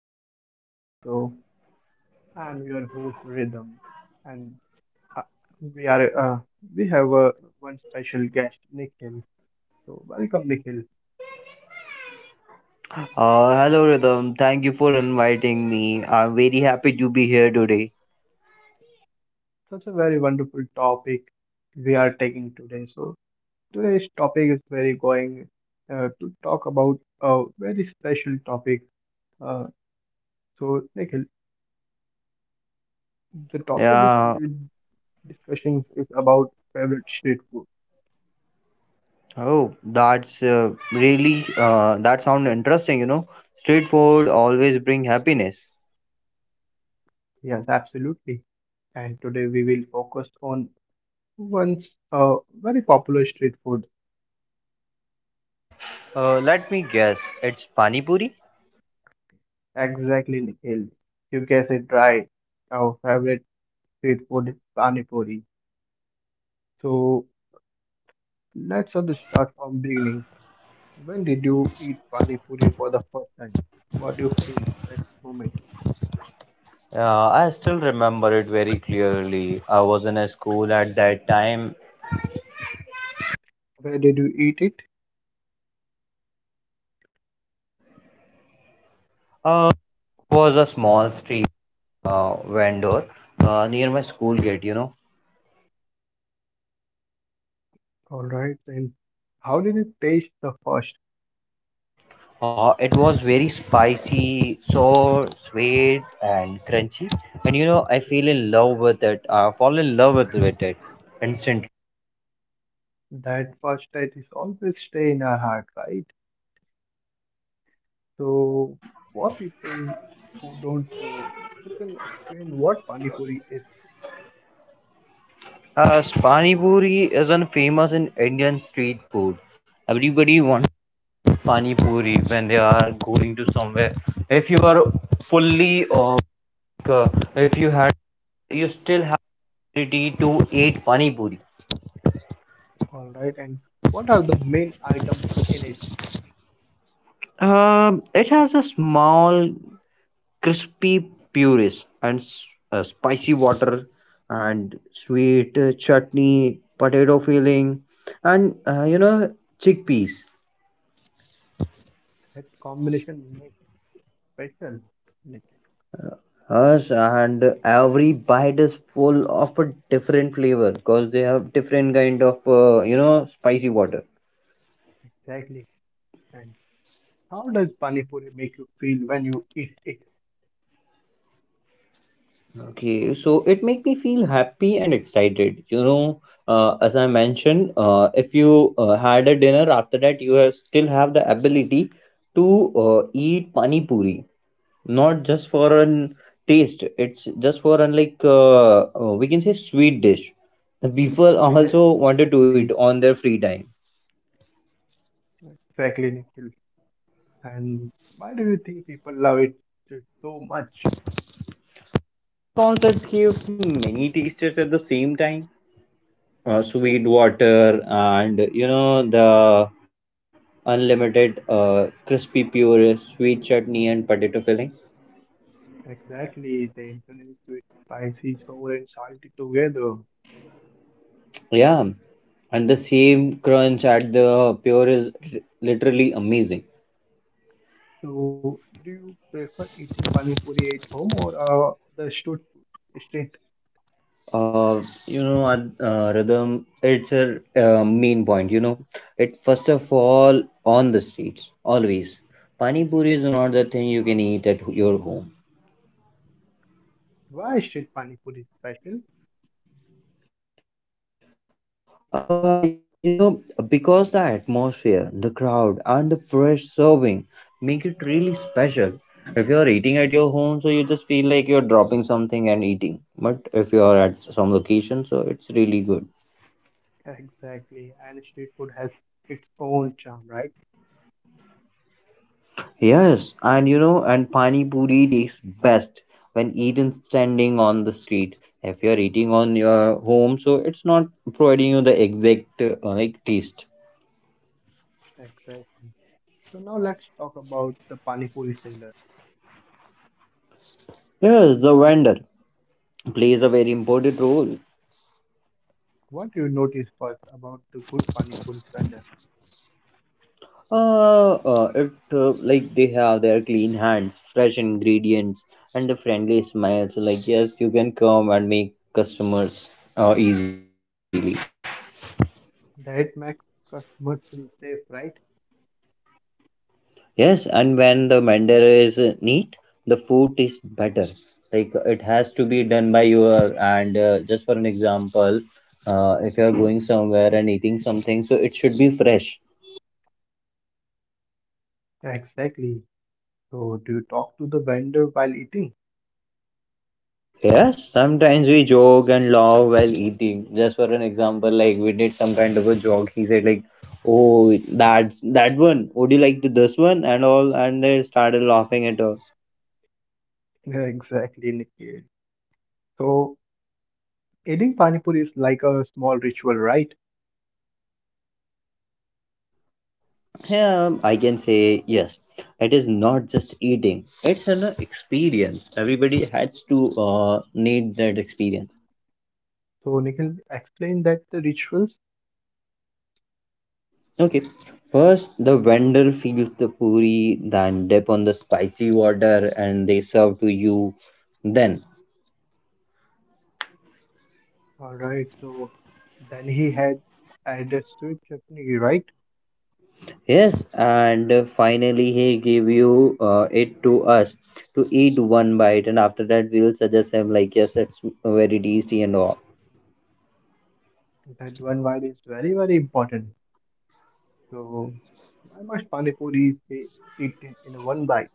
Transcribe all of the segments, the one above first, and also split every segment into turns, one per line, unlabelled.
to our podcast. So I'm your host Rhythm, and uh, we are we have one special guest Nikhil. So welcome Nikhil.
Hello, Rhythm. Thank you for inviting me. I'm very happy to be here today.
Such a very wonderful topic we are taking today. So today's topic is very going to talk about a very special topic. Uh, so Nikhil, the topic is
Yeah.
today's discussions is about favorite street food.
Oh, that's really that sounds interesting. You know, street food always bring happiness.
Yes, absolutely, and today we will focus on once a very popular street food,
Let me guess, it's Pani Puri?
exactly Nikhil. You guessed it right. Our favorite street food is Pani Puri. So let's just start from beginning. When did you eat Pani Puri for the first time? What do you feel that moment?
I still remember it very clearly. I was in a school at that time.
Where did you eat it?
Uh, was a small street vendor near my school gate, you know.
All right, then how did it taste the first?
It was very spicy, so sweet and crunchy. And you know, I feel in love with it. I fall in love with it instantly.
That first taste is always stay in our heart, right? So for people who don't know, you can explain what Pani Puri is.
Pani Puri isn't famous in Indian street food. Everybody wants Pani Puri when they are going to somewhere. If you are fully, or uh, if you had, you still have ability to eat Pani Puri.
All right, and what are the main items in it
It has a small crispy puris and spicy water and sweet chutney potato filling and chickpeas.
that combination makes special? Like,
Yes, and every bite is full of a different flavor because they have different kind of spicy water.
exactly. And how does pani puri make you feel when you eat it?
Okay, so it make me feel happy and excited. You know, as I mentioned, if you had a dinner after that, you have still have the ability to eat pani puri. Not just for an taste, it's just for an like we can say sweet dish. The people also wanted to eat
Exactly,
on their free time.
exactly, Nikhil. And why do you think people love it so much?
Concerts gives many tasters at the same time. Sweet water and you know the unlimited crispy puree, sweet chutney and potato filling.
Exactly, they introduce it spicy, sour, and salty together.
Yeah, and the same crunch at the pure is literally amazing.
So, do you prefer eating pani puri at home or the street food? Street,
Rhythm, it's a main point, you know, it first of all on the streets always pani puri is not the thing you can eat at your home.
why street pani puri is special?
uh you know because the atmosphere, the crowd and the fresh serving make it really special. If you are eating at your home, so you just feel like you're dropping something and eating, but if you are at some location, so it's really good.
Exactly, and street food has its own charm, right?
Yes, and you know, and pani puri tastes best when eaten standing on the street. If you're eating on your home, so it's not providing you the exact like taste.
Exactly. So now let's talk about the pani puri seller.
Yes, the vendor plays a very important role.
What do you notice first about the good pani puri vendor?
It like they have their clean hands, fresh ingredients, and the friendly smiles. Like yes, you can come and make customers easily.
That makes customers feel safe, right?
Yes, and when the vendor is neat, the food tastes better. Like it has to be done by your and just for an example, if you are going somewhere and eating something, so it should be fresh.
Exactly. So do you talk to the vendor while eating?
Yes, sometimes we joke and laugh while eating. Just for an example, like we did some kind of a joke. He said like, "Oh, that that one. Would you like to this one?" and all, and they started laughing at all.
Yeah, exactly, Nikhil. So eating pani puri is like a small ritual, right?
Yeah, I can say yes. It is not just eating; it's an experience. Everybody has to need that experience.
So Nikhil, explain that the rituals.
Okay, first the vendor fills the puri, then dip on the spicy water, and they serve to you. Then
All right. So then he had added sweet chutney, right?
yes, and finally he gave you it to us to eat one bite, and after that we'll suggest him like yes, it's very tasty and all.
That one vibe is very, very important. So, why must Panipuri be eaten in one bite?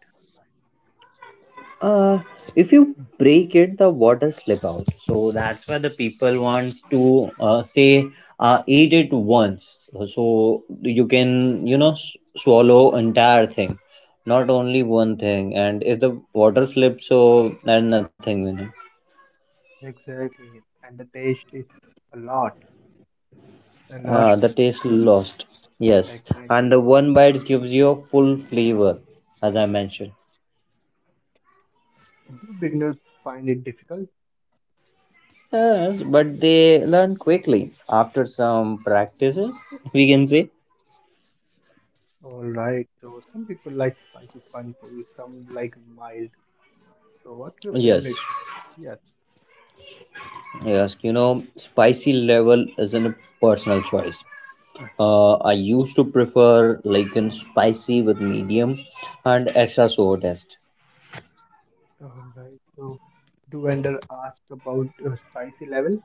uh if you break it the water slip out, so that's why the people wants to say eat it once, so you can you know swallow entire thing, not only one thing, and if the water slips, so there's nothing in it.
Exactly. And the taste is a lot. A lot.
The taste lost. Yes, and
Exactly.
the one bite gives you a full flavor, as I mentioned.
Do beginners find it difficult?
Yes, but they learn quickly after some practices, we can say.
Alright. So, some people like spicy Panipuri, some like mild. So, what's your
Yes.
favorite then? Yes.
Yes, you know, spicy level isn't a personal choice. I used to prefer like in spicy with medium and extra sour taste.
Alright. So, do vendor ask about spicy level?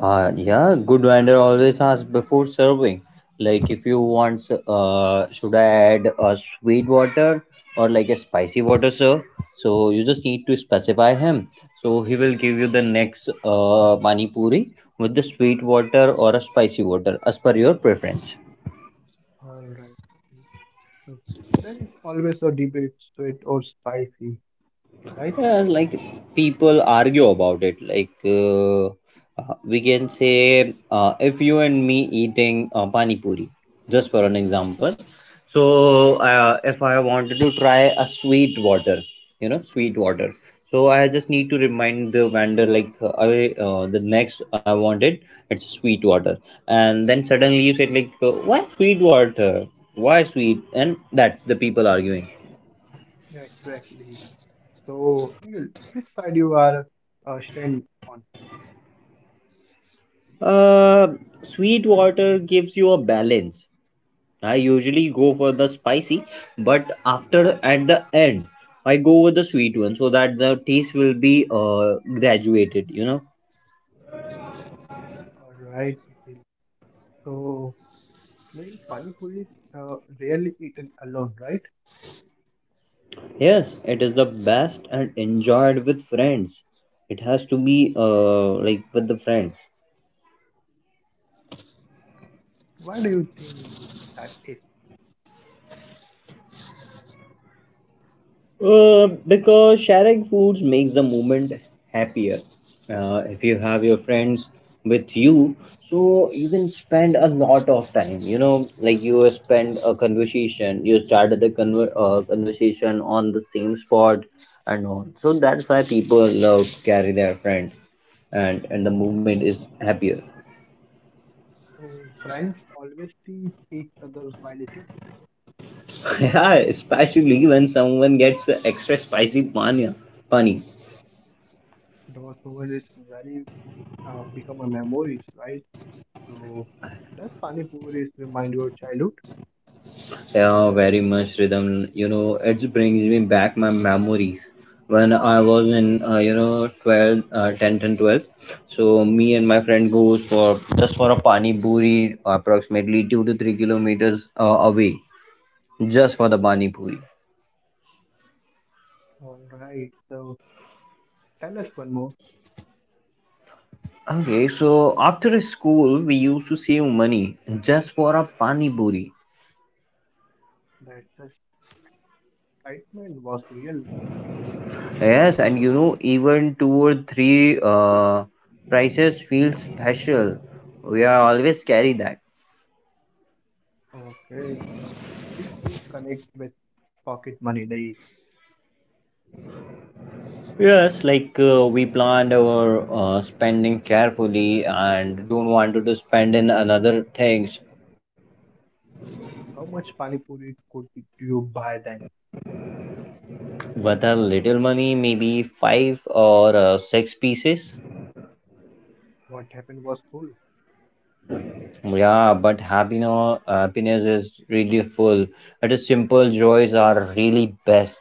Yeah, good vendor always asks before serving. Like if you want, should I add a sweet water or like a spicy water, sir? So you just need to specify him. So he will give you the next mani puri with the sweet water or a spicy water as per your preference.
Alright. So there is always a debate, sweet or spicy, right?
Yeah, like people argue about it. Like, if you and me eating pani puri, just for an example.
All right.
So if I wanted to try a sweet water, you know, sweet water. So I just need to remind the vendor like I the next I wanted it's sweet water, and then suddenly you said like why sweet water, why sweet, and that's the people arguing.
Yeah, exactly. So, Nikhil, which side you are stand on?
Uh, Sweet water gives you a balance. I usually go for the spicy, but after at the end, I go with the sweet one so that the taste will be graduated, you know.
All right, Nikhil. So, Nikhil, Pani Puri is rarely eaten alone, right?
Yes, it is the best and enjoyed with friends. It has to be like with the friends.
Why do you think that is?
Because sharing foods makes the moment happier. If you have your friends with you, so you can spend a lot of time. You know, like you spend a conversation, you started the conversation on the same spot and all. So that's why people love carry their friend, and the movement is happier.
So, friends always tease each other while eating.
Yeah, especially when someone gets a extra spicy panya, pani.
Those moments very become a memories, right? So, does Pani Puri is remind your childhood?
Yeah, very much Rhythm. You know, it brings me back my memories when I was in, 12, 10th and 12th. So me and my friend goes for just for a pani puri, approximately 2 to 3 kilometers away, just for the pani puri.
All right. So, tell us one more
Okay, so after school, we used to save money just for a pani puri.
that the excitement was real, Nikhil.
Yes, and you know, even two or three prices feel special. We are always carry that.
Okay, so street food connects with pocket money days.
Yes, like we planned our spending carefully and don't want to spend in another things.
How much pani puri could you buy then?
With a little money, maybe five or six pieces.
What happened was full.
Yeah, but happiness is really full. It is simple joys are really best.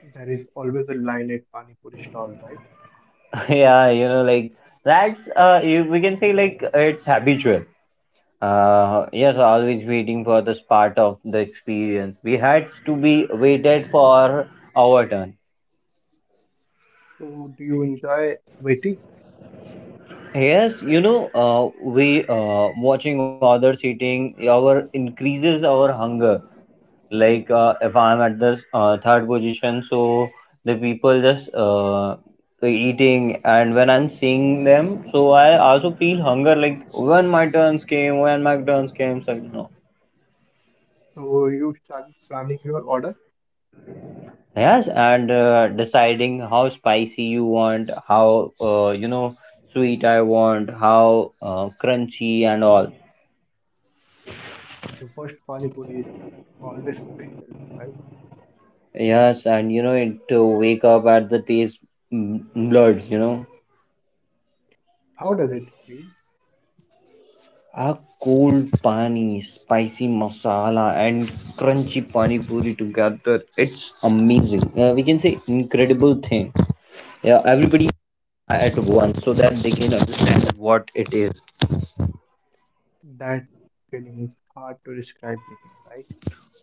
There is always a line at pani puri stall, right?
Yeah, you know, like that's we can say like it's habitual. Yes, always waiting for this part of the experience. We had to be waited for our turn.
So do you enjoy waiting?
Yes, you know, we watching others eating, our increases our hunger. Like if I'm at this third position, so the people just eating, and when I'm seeing them, so I also feel hunger. Like when my turns came, so no.
So you start planning your order.
Yes, and deciding how spicy you want, how sweet I want, how crunchy and all.
The first pani puri is always special, right?
Yes, and you know it wake up at the taste mm, buds. You know,
How does it feel?
a cold pani, spicy masala, and crunchy pani puri together. It's amazing. We can say incredible thing. Yeah, everybody at once so that they can understand what it is.
That feeling is hard to describe, Nikhil, right?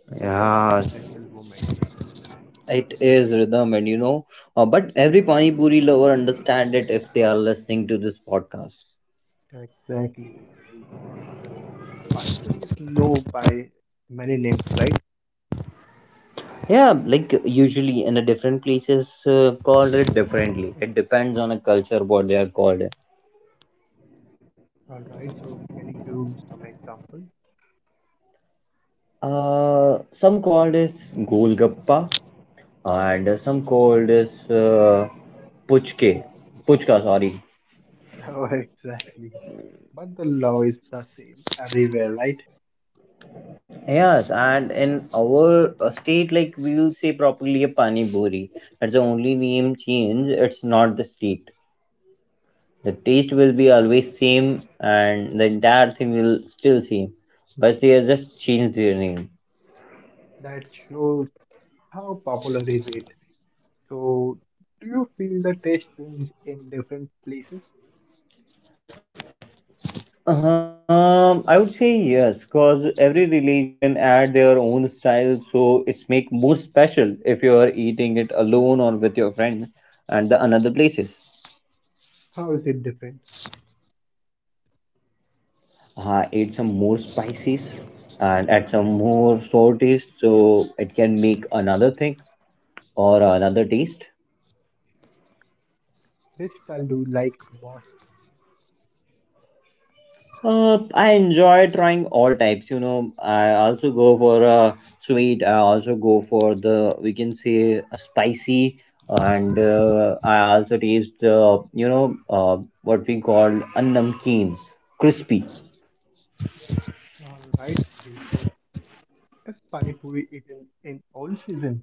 It is such a
Yes.
special moment.
It is Rhythm, and you know, but every Pani Puri lover understand it if they are listening to this podcast.
Exactly. So Pani Puri is known by many names, right?
Yeah, like usually in a different places called it differently. It depends on a culture what they are called.
All right. So can you give some example?
Some called is golgappa, and some called is puchke, puchka. Sorry.
Oh, exactly. But the law is the same everywhere, right?
Yes, and in our state, like we will say properly a pani puri. That's the only name change. It's not the state. The taste will be always same and the entire thing will still same, but they have just changed their name.
That shows how popular is it. So do you feel the taste change in different places?
I would say yes because every religion add their own style, so it's make more special if you are eating it alone or with your friends and the another places.
How is it different?
Add some more spices and add some more sour taste, so it can make another thing or another taste.
Which style do you like most?
I enjoy trying all types. You know, I also go for a sweet. I also go for the we can say a spicy, and I also taste what we call a namkeen, crispy.
All right. Gil. So is Pani Puri eaten in all season?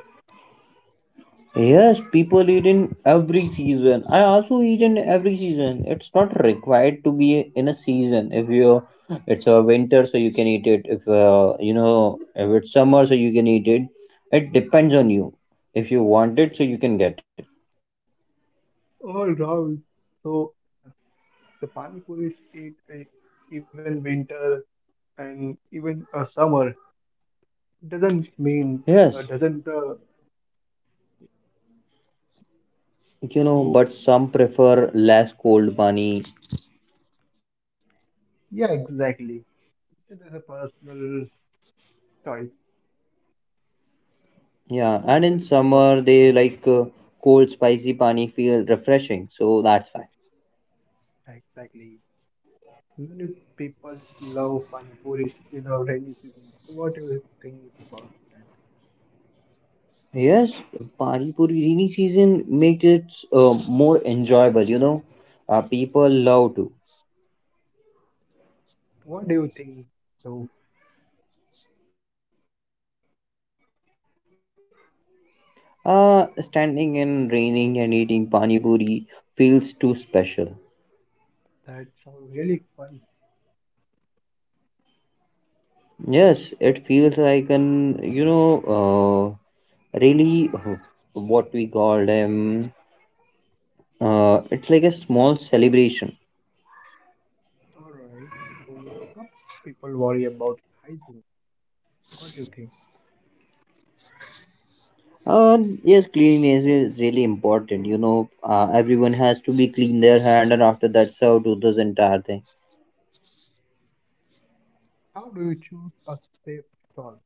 Yes, people eat in every season. I also eat in every season. It's not required to be in a season. If you, it's a winter, so you can eat it. If if it's summer, so you can eat it. It depends on you. If you want it, so you can get it.
All right. So the Pani Puri is eat, even winter and even a summer doesn't mean
Yes,
doesn't
you know,
so
but some prefer less cold pani.
yeah exactly, it is a personal choice.
Yeah,
So
and
like,
in
uh,
summer they like cold spicy pani feel refreshing. So that's fine.
exactly, even if people love pani puri in a rainy season, what do you think about that?
Yes, Pani Puri rainy season makes it more enjoyable, you know. People love to.
What do you think? So
Standing in raining and eating Pani Puri feels too special.
that's a really fun.
Yes, it feels like an, you know, really what we call them. It's like a small celebration.
All right, so some people worry about hygiene. What do you think?
Uh, yes, cleanliness is really important. You know, everyone has to be clean their hand, and after that, serve to this entire thing.
How do you choose a safe stall?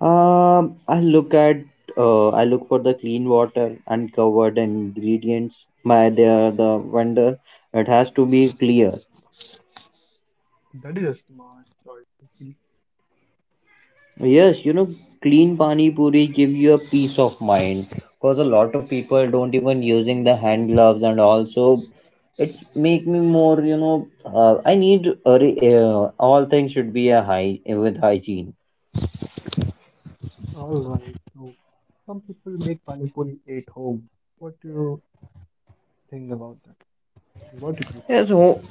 I look at I look for the clean water and covered ingredients. My they are the vendor. It has to be clear.
That is a smart choice.
Yes, you know, clean pani puri give you a peace of mind because a lot of people don't even using the hand gloves and also it's make me more I need a, re- all things should be a high with hygiene.
Alright, so some people make pani puri at home. What do you think about that? What do you prefer?
Yes,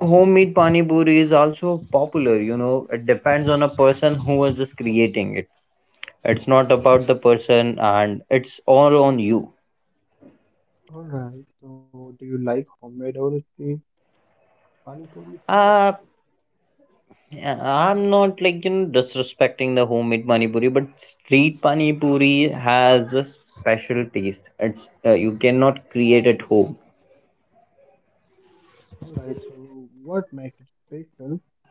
homemade pani puri is also popular. You know, it depends on a person who is just creating it. It's not about the person, and it's all on you.
Alright, so do you like homemade or street? Pani puri is more.
Uh, yeah, I'm not like disrespecting the homemade pani puri, but street pani puri has a special taste. It's you cannot create at home.
Alright, so what makes it special?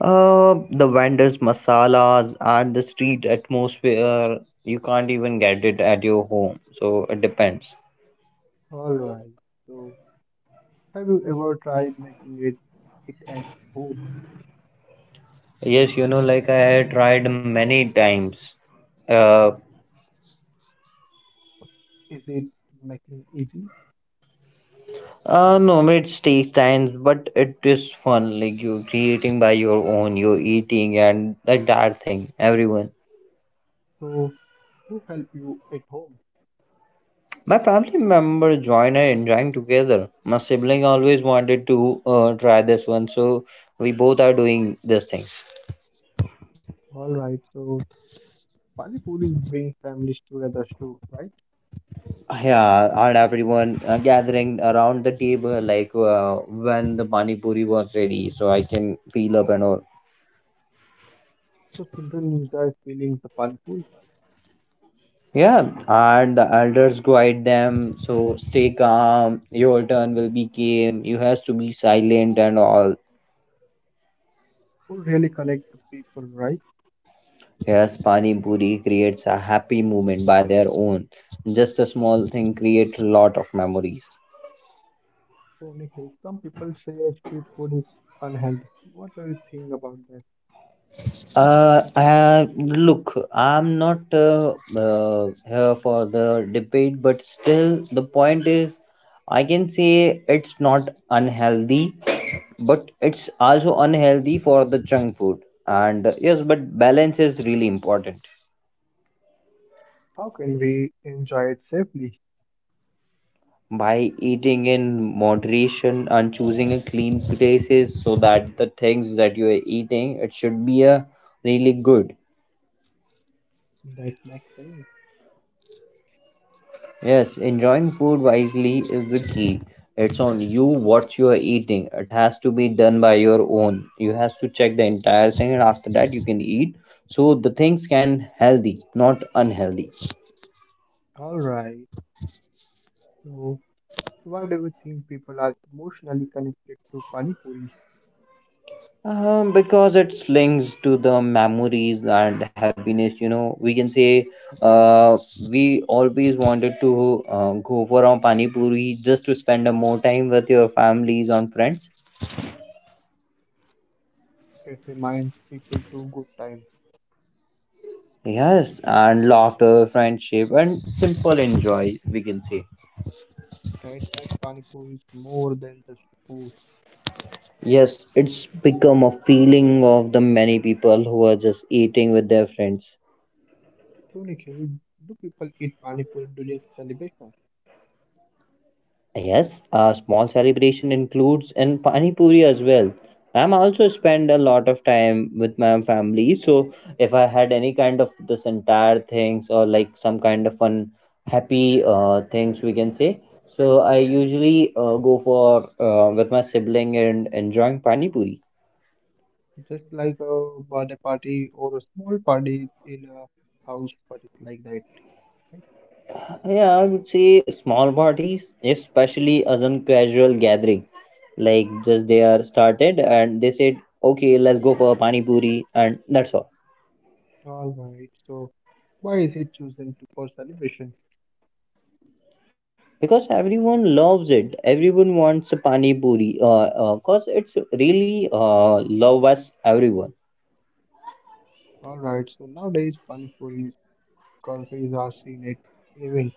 The vendors' masalas and the street atmosphere, you can't even get it at your home. So it depends.
Alright, so have you ever tried making it at home?
Yes, you know, like I had tried many times. Uh,
Is it making easy?
uh, no, it takes time, but it is fun. Like you creating by your own, you eating and like that thing. Everyone.
So who help you at home?
My family member joined and enjoying together. My sibling always wanted to try this one, so we both are doing these things.
Alright, so pani puris bring families together too, right?
Yeah, and everyone gathering around the table, like when the pani puri was ready, so I can feel up and all.
So children enjoy feeling the pani puri.
Yeah, and the elders guide them. So stay calm. Your turn will be game. You has to be silent and all.
Food really connect the people, right?
Yes, Pani Puri creates a happy moment by their own. Just a small thing creates a lot of memories.
So, Nikhil, some people say street food is unhealthy. What do you think about that?
Uh, look, I'm not here for the debate, but still, the point is, I can say it's not unhealthy, but it's also unhealthy for the junk food, and yes, but balance is really important.
How can we enjoy it safely?
By eating in moderation and choosing a clean places so that the things that you are eating it should be a really good.
That makes sense.
Yes, enjoying food wisely is the key. It's on you what you are eating, it has to be done by your own, you has to check the entire thing and after that you can eat, so the things can healthy not unhealthy.
All right. So, why do you think people are emotionally connected to Pani Puri?
Because it's links to the memories and happiness, you know, we can say uh, we always wanted to go for a pani puri just to spend a more time with your families and friends.
It reminds people to good times.
Yes, and laughter, friendship, and simple enjoy, we can say.
That makes Pani Puri is more than just food.
Yes, it's become a feeling of the many people who are just eating with their friends.
So, Nikhil, do people eat Pani Puri during celebration?
Yes, a small celebration includes in pani puri as well. I'm also spend a lot of time with my family, so if I had any kind of this entire things or like some kind of fun, happy things we can say. So I usually go for with my sibling and enjoying pani puri.
Just like a birthday party or a small party in a house, party like that. Right.
Yeah, I would say small parties, especially as a casual gathering, like just they are started and they said okay let's go for a pani puri and that's all.
All right. So, why is it chosen to for celebration?
Because everyone loves it, everyone wants a pani puri, cause it's really love us everyone.
All right. So nowadays, panipuris, curries are seen at event.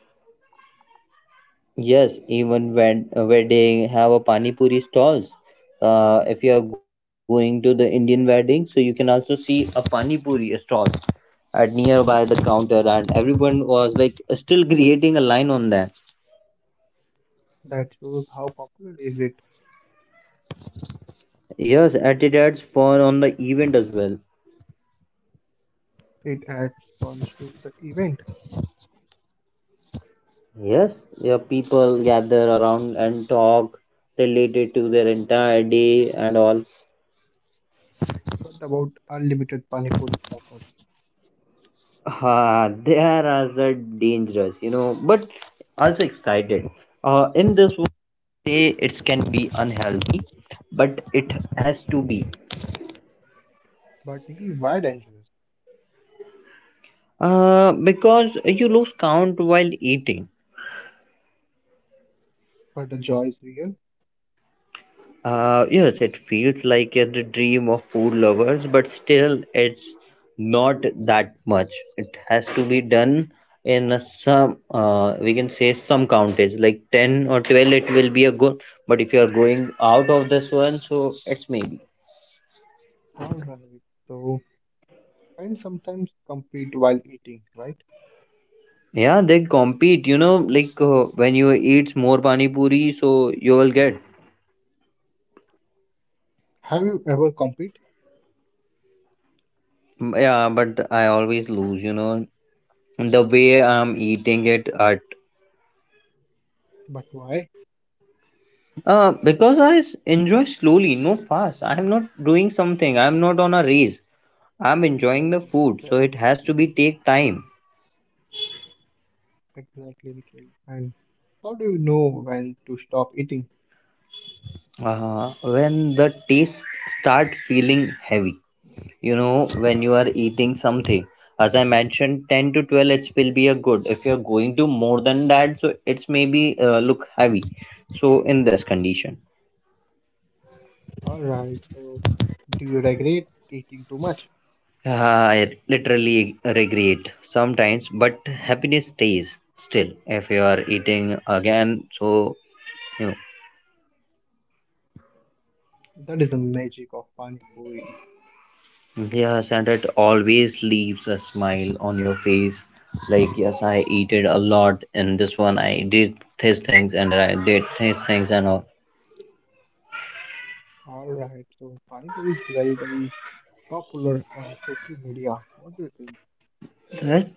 Yes, even when where they have a pani puri stalls, if you are going to the Indian wedding, so you can also see a pani puri stall at nearby the counter and everyone was like still creating a line on that.
That shows how popular is it.
Yes, at it adds for on the event as well.
It adds funds to the event.
Yes, your people gather around and talk related to their entire day and all.
What about unlimited panipuri offers?
Ah, they are also dangerous, you know, but also excited. In this way, it can be unhealthy, but it has to be.
But Nikhil, why dangerous?
Because you lose count while eating.
But the joy is real.
Yes, it feels like a d- dream of food lovers, but still, it's not that much. It has to be done in a some, we can say some countage, like 10 or 12, it will be a good. But if you are going out of this one, so it's maybe.
All right. So, and sometimes compete while eating, right?
Yeah, they compete, you know, like when you eat more pani puri, so you will get.
Have you ever compete?
Mm, yeah, but I always lose, you know. The way I'm eating it at
But why?
Because I s- enjoy slowly, no fast. I am not doing something. I am not on a race. I am enjoying the food,
Exactly.
so it has to be take time.
Exactly, Nikhil. And how do you know when to stop eating?
When the taste start feeling heavy, you know, when you are eating something, as I mentioned, 10 to 12, it will be a good. If you are going to more than that, so it's maybe look heavy. So in this condition.
All right, so do you regret eating too much?
I literally regret sometimes, but happiness stays still if you are eating again. So, you know,
That is the magic of Pani Puri.
yes, and it always leaves a smile on your face. Like, yes, I eated a lot, and this one I did these things, and I did these things, and all
All right, so Pani Puri is very, very popular on social media. What do you think?
that.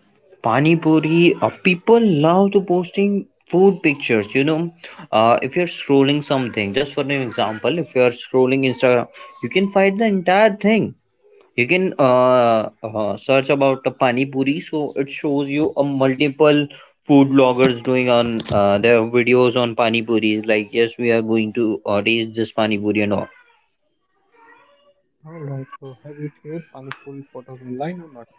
Pani Puri, people love to posting food pictures. You know, if you're scrolling something, just for an example, if you are scrolling Instagram, you can find the entire thing. You can search about the pani puri, so it shows you a multiple food bloggers doing on their videos on pani puris. Like, yes, we are going to taste this pani puri and all.
All right, so have you shared Pani Puri photos online or not?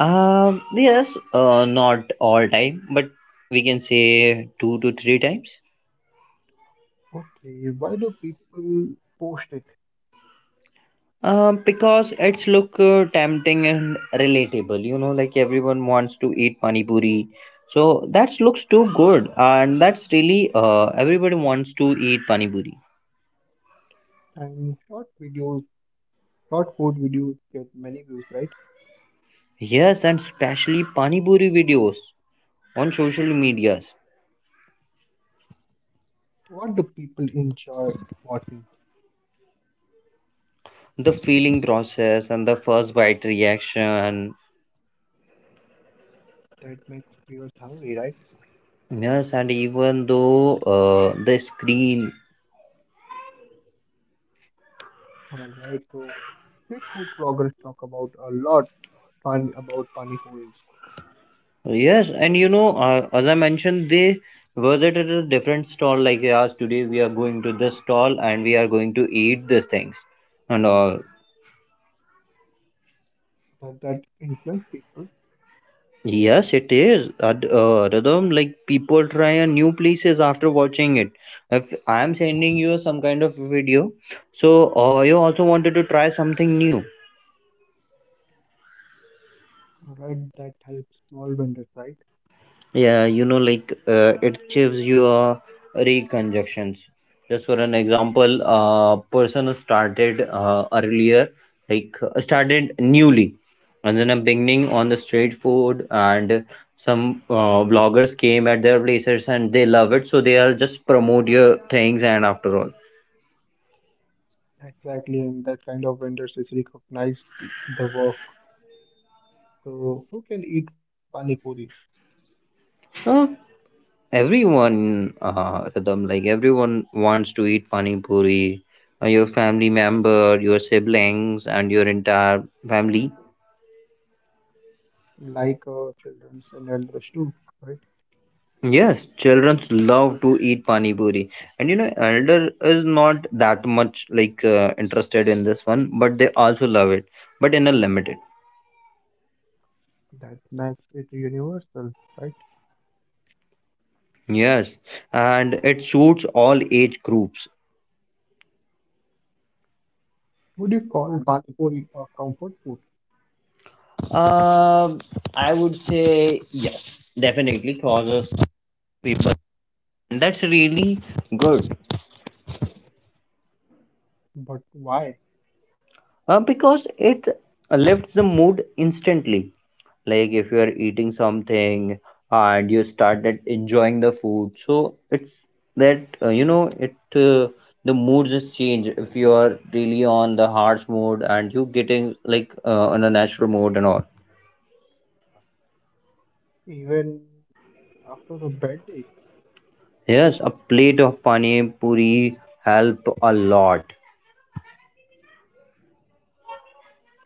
Yes, not all time, but we can say 2 to 3 times.
Okay, why do people post it?
Because it's look tempting and relatable. You know, like everyone wants to eat pani puri. So that looks too good, and that's really everybody wants to eat pani puri.
And short videos, short food videos get many views, right?
Yes, and especially Pani Puri videos on social medias.
What do people enjoy watching?
The feeling process and the first bite reaction.
That makes viewers hungry, right?
Yes, and even though the screen.
All right, so great food bloggers talk about a lot about pani puris.
Yes, and you know, as I mentioned, they visited a different stall. Like, yes, today we are going to this stall and we are going to eat these things and all.
Does that influence people?
Yes, it is. Ad- rhythm, like people try a new places after watching it. If I am sending you some kind of video, so you also wanted to try something new.
All right, that helps small vendors, right?
Yeah, you know, like it gives you a reconjunctions. Just for an example, a person who started earlier, like started newly, and then a beginning on the street food, and some vloggers came at their places and they love it, so they are just promote your things and after all.
Exactly, and that kind of vendors is recognized the work. So who can eat pani puris?
Uh, Everyone, Rhythm, like everyone wants to eat pani puri. Your family member, your siblings, and your entire family.
Like childrens and elders too, right?
Yes, children love to eat pani puri, and you know, elder is not that much like interested in this one, but they also love it, but in a limited.
That makes it universal, right?
Yes, and it suits all age groups.
Would you call pani puri a comfort food?
Um, I would say yes, definitely causes people. That's really good.
But why?
Because it lifts the mood instantly. Like if you are eating something and you started enjoying the food, so it's that you know it the mood just change. If you are really on the harsh mode and you getting like on a natural mode and all.
Even after a bad day?
Yes, a plate of pani puri help a lot.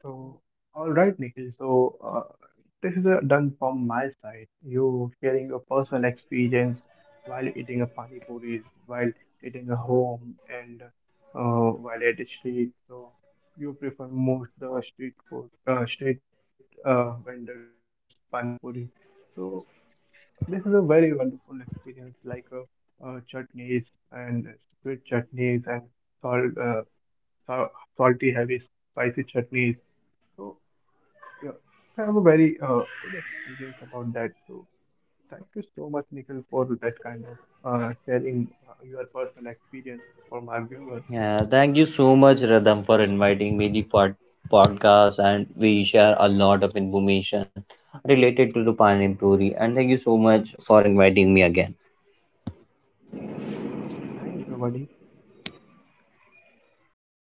So, all right, Nikhil. So, this is done from my side. You sharing your personal experience while eating a pani puris, while eating a home, and while at the street. So, you prefer most the street food, street vendors pani puri. So, this is a very wonderful experience, like chutneys and sweet chutneys and salt, uh, sal- salty, heavy, spicy chutneys. So yeah, I have a very good experience about that too. Thank you so much, Nikhil, for that kind of sharing your personal experience for my viewers.
Yeah, thank you so much, Radham, for inviting me the podcast, and we share a lot of information related to the Panipuri. And thank you so much for inviting me again.
Thank you, buddy.
Thank you.